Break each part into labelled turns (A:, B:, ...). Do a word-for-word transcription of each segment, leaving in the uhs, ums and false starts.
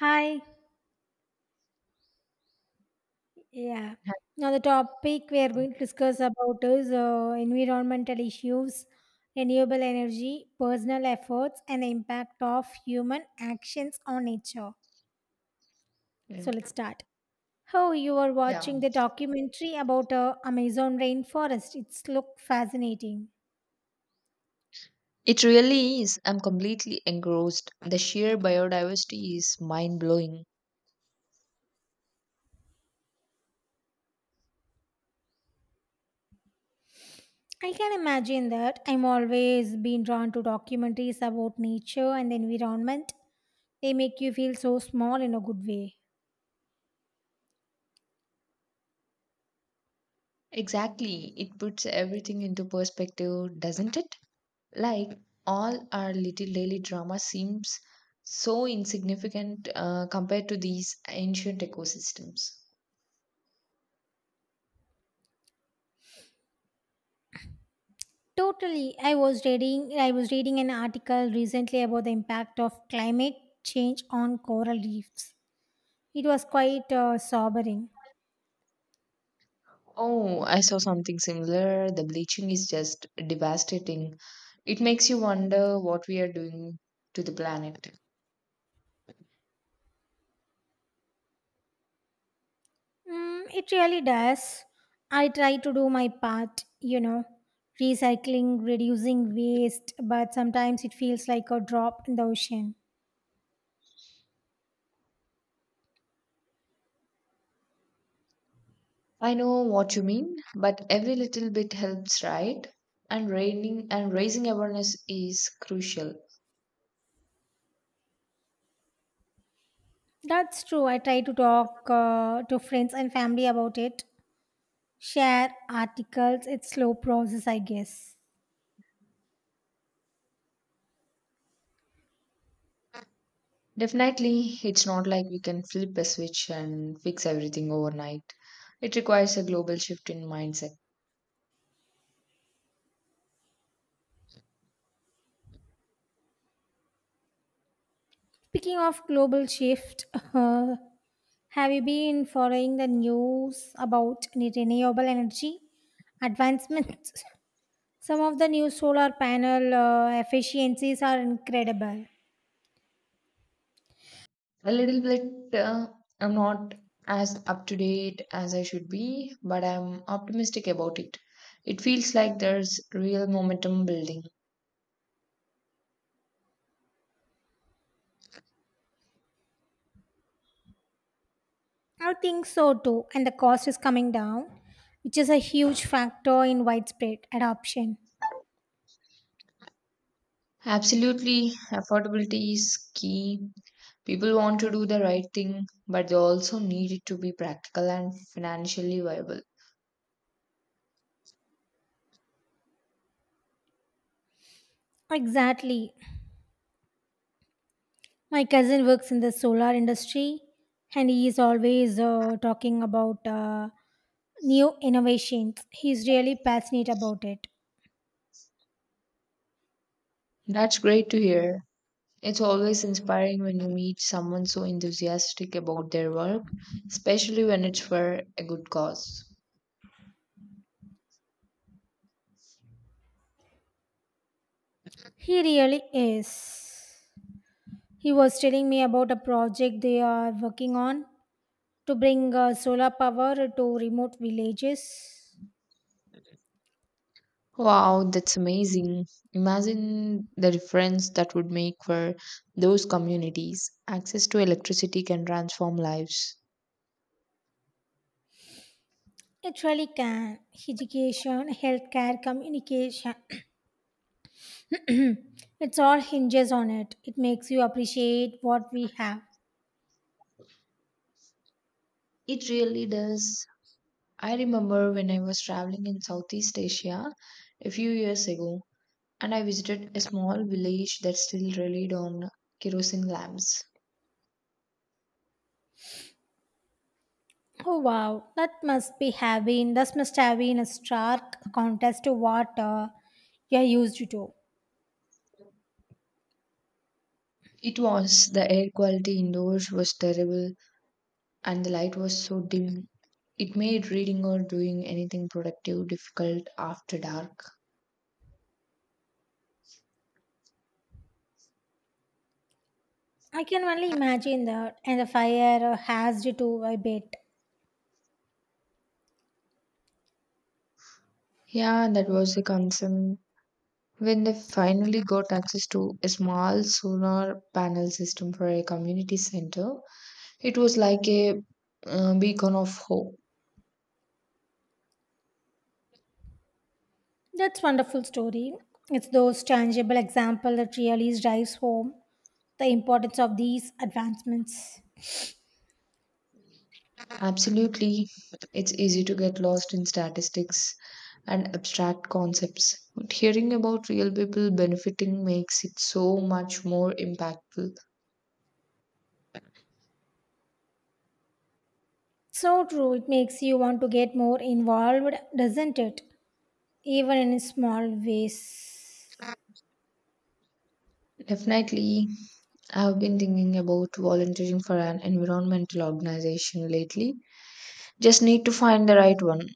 A: Hi. Yeah. Now the topic we are going to discuss about is uh, environmental issues, renewable energy, personal efforts, and the impact of human actions on nature.
B: Yeah.
A: So let's start. Oh, you are
B: Yeah.
A: watching the documentary about uh, Amazon rainforest. It's look fascinating.
B: It really is. I'm completely engrossed. The sheer biodiversity is mind blowing.
A: I can imagine that. I'm always been drawn to documentaries about nature and the environment. They make you feel so small in a good way.
B: Exactly. It puts everything into perspective, doesn't it? Like, all our little daily drama seems so insignificant uh, compared to these ancient ecosystems.
A: Totally. I was reading I was reading an article recently about the impact of climate change on coral reefs. It was quite uh, sobering.
B: Oh, I saw something similar. The bleaching is just devastating. It makes you wonder what we are doing to the planet.
A: Mm, it really does. I try to do my part, you know, recycling, reducing waste, but sometimes it feels like a drop in the ocean.
B: I know what you mean, but every little bit helps, right? And raining and raising awareness is crucial.
A: That's true. I try to talk uh, to friends and family about it, share articles. It's slow process, I guess.
B: Definitely, it's not like we can flip a switch and fix everything overnight. It requires a global shift in mindset.
A: Speaking of global shift, have you been following the news about any renewable energy advancements? Some of the new solar panel uh, efficiencies are incredible.
B: A little bit, uh, I'm not as up to date as I should be, but I'm optimistic about it. It feels like there's real momentum building.
A: I think so too, and the cost is coming down, which is a huge factor in widespread adoption.
B: Absolutely, affordability is key. People want to do the right thing, but they also need it to be practical and financially viable.
A: Exactly. My cousin works in the solar industry and he is always uh, talking about uh, new innovations. He's really passionate about it.
B: That's great to hear. It's always inspiring when you meet someone so enthusiastic about their work, especially when it's for a good cause.
A: He really is. He was telling me about a project they are working on to bring uh, solar power to remote villages.
B: Wow, that's amazing. Imagine the difference that would make for those communities. Access to electricity can transform lives.
A: It really can. Education, healthcare, communication. It's all hinges on it. It makes you appreciate what we have.
B: It really does. I remember when I was traveling in Southeast Asia a few years ago, and I visited a small village that still relied on kerosene lamps.
A: Oh wow, that must be have been this must have been a stark contrast to what uh, you're used to.
B: It was the air quality indoors was terrible, and the light was so dim. It made reading or doing anything productive difficult after dark.
A: I can only imagine that, and the fire uh, has you to a bit.
B: Yeah, that was the concern. When they finally got access to a small solar panel system for a community center, it was like a uh, beacon of hope.
A: That's wonderful story. It's those tangible example that really drives home the importance of these advancements.
B: Absolutely, it's easy to get lost in statistics and abstract concepts, but hearing about real people benefiting makes it so much more impactful.
A: So true, it makes you want to get more involved, doesn't it? Even in small ways.
B: Definitely, I've been thinking about volunteering for an environmental organization lately. Just need to find the right one.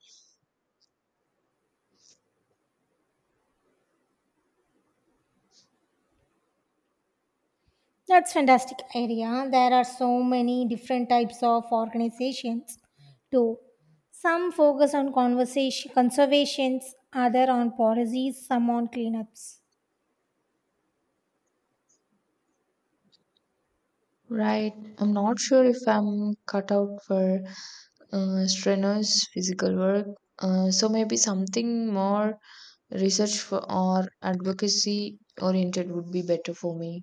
A: That's fantastic idea. There are so many different types of organizations too. Some focus on conversation conservations, other on policies, some on cleanups.
B: Right, I'm not sure if I'm cut out for uh, strenuous physical work, uh, so maybe something more research for, or advocacy oriented would be better for me.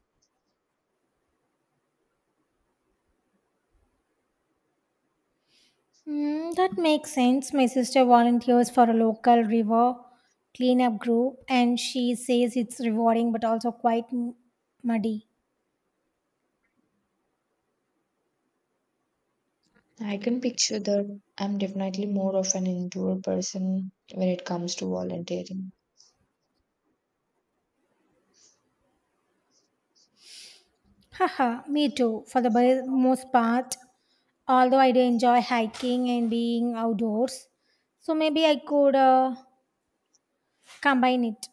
A: Mm, that makes sense. My sister volunteers for a local river cleanup group and she says it's rewarding but also quite m- muddy.
B: I can picture that I'm definitely more of an indoor person when it comes to volunteering.
A: Haha, me too, for the bi- most part. Although I do enjoy hiking and being outdoors. So maybe I could uh, combine it.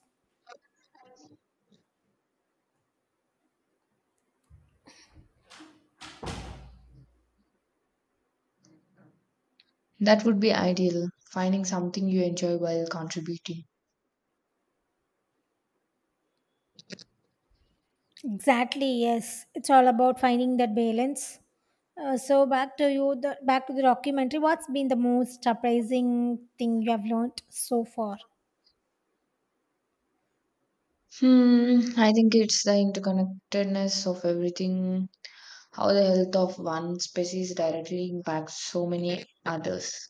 B: That would be ideal, finding something you enjoy while contributing.
A: Exactly, yes, it's all about finding that balance. Uh, so back to you the back to the documentary, what's been the most surprising thing you have learned so far?
B: Hmm, I think it's the interconnectedness of everything, how the health of one species directly impacts so many others.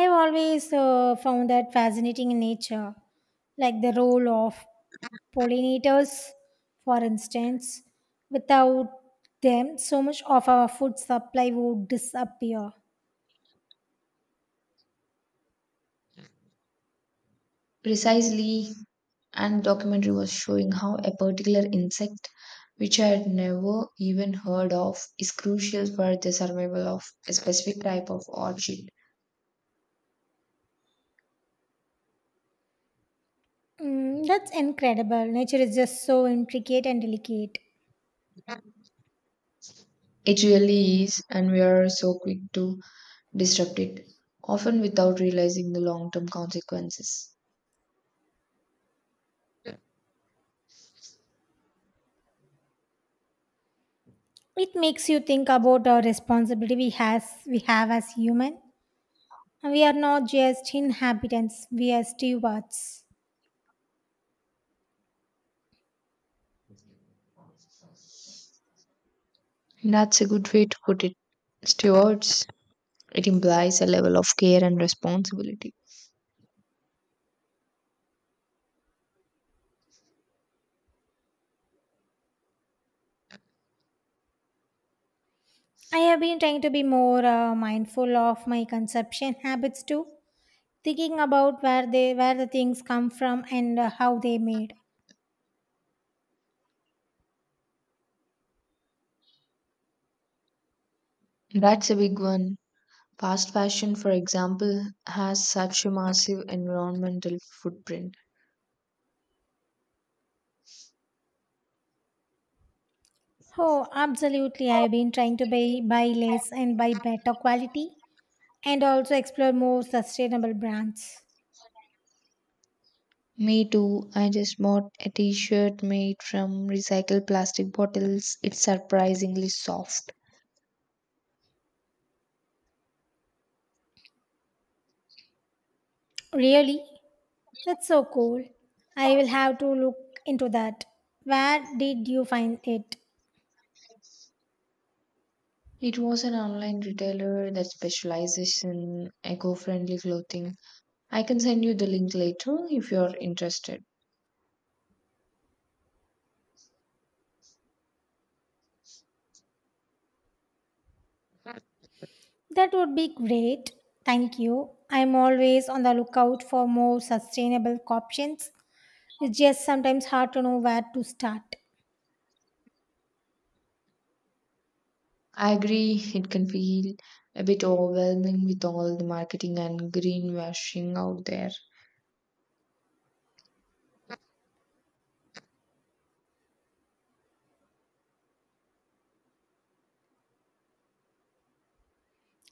A: I've always uh, found that fascinating in nature, like the role of pollinators, for instance. Without them, so much of our food supply would disappear.
B: Precisely, and documentary was showing how a particular insect which I had never even heard of is crucial for the survival of a specific type of orchid.
A: Mm, that's incredible. Nature is just so intricate and delicate.
B: It really is, and we are so quick to disrupt it, often without realizing the long term consequences.
A: It makes you think about our responsibility we has we have as human. We are not just inhabitants; we are stewards.
B: That's a good way to put it. Stewards, it implies a level of care and responsibility.
A: I have been trying to be more uh, mindful of my consumption habits too, thinking about where they where the things come from and uh, how they made.
B: That's a big one. Fast fashion, for example, has such a massive environmental footprint.
A: Oh, absolutely! I have been trying to buy buy less and buy better quality, and also explore more sustainable brands.
B: Me too. I just bought a t-shirt made from recycled plastic bottles. It's surprisingly soft.
A: Really? That's so cool. I will have to look into that. Where did you find it?
B: It was an online retailer that specializes in eco-friendly clothing. I can send you the link later if you're interested.
A: That would be great. Thank you. I'm always on the lookout for more sustainable options. It's just sometimes hard to know where to start.
B: I agree, it can feel a bit overwhelming with all the marketing and greenwashing out there.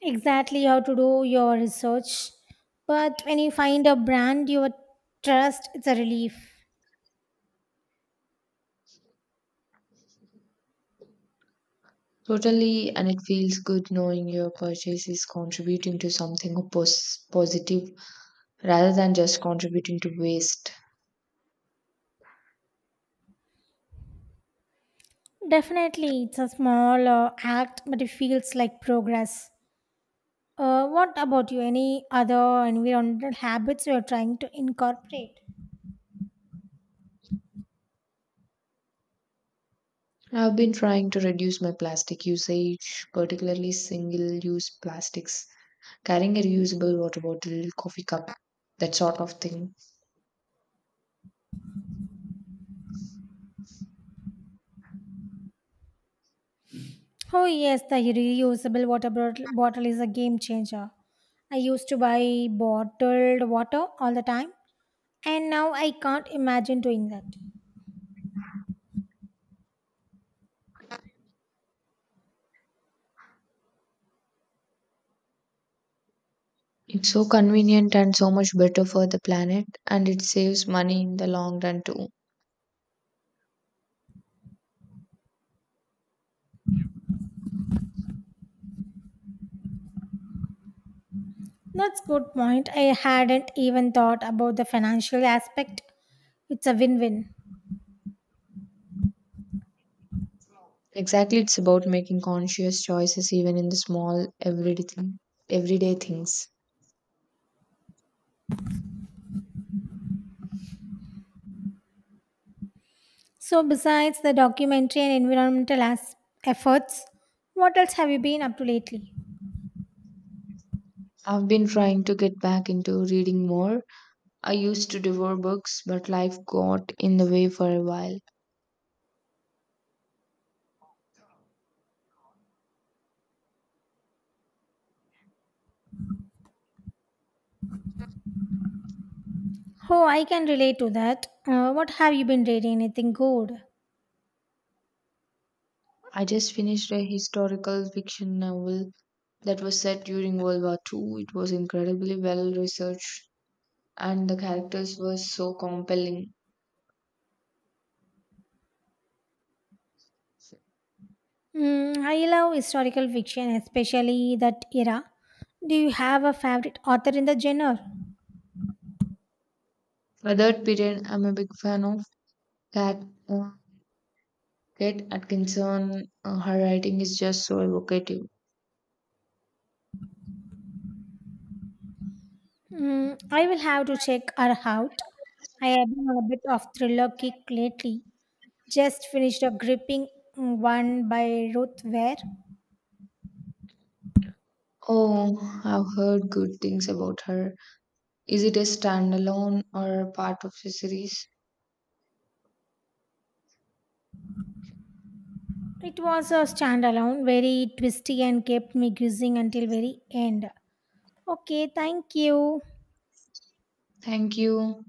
A: Exactly, how to do your research. But when you find a brand you trust, it's a relief.
B: Totally, and it feels good knowing your purchase is contributing to something pos- positive rather than just contributing to waste.
A: Definitely, it's a small uh, act, but it feels like progress. Uh, what about you? Any other environmental habits you are trying to incorporate?
B: I've been trying to reduce my plastic usage, particularly single use plastics, carrying a reusable water bottle, coffee cup, that sort of thing.
A: Oh, yes, the reusable water bottle bottle is a game changer. I used to buy bottled water all the time, and now I can't imagine doing that.
B: It's so convenient and so much better for the planet, and it saves money in the long run too.
A: That's good point. I hadn't even thought about the financial aspect. It's a win-win.
B: Exactly, it's about making conscious choices even in the small everyday thing, everyday things.
A: So, besides the documentary and environmental as- efforts, what else have you been up to lately?
B: I've been trying to get back into reading more, I used to devour books, but life got in the way for a while.
A: Oh, I can relate to that. Uh, what have you been reading? Anything good?
B: I just finished a historical fiction novel that was set during World War two. It was incredibly well researched, and the characters were so compelling.
A: Mm, I love historical fiction, especially that era. Do you have a favorite author in the genre?
B: For that period, I'm a big fan of Cat, uh, Kate Atkinson. Uh, her writing is just so evocative.
A: Mm, I will have to check her out. I have been on a bit of thriller kick lately. Just finished a gripping mm, one by Ruth Ware.
B: Oh, I've heard good things about her. Is it a standalone or part of a series?
A: It was a standalone, very twisty and kept me guessing until very end. Okay, thank you.
B: Thank you.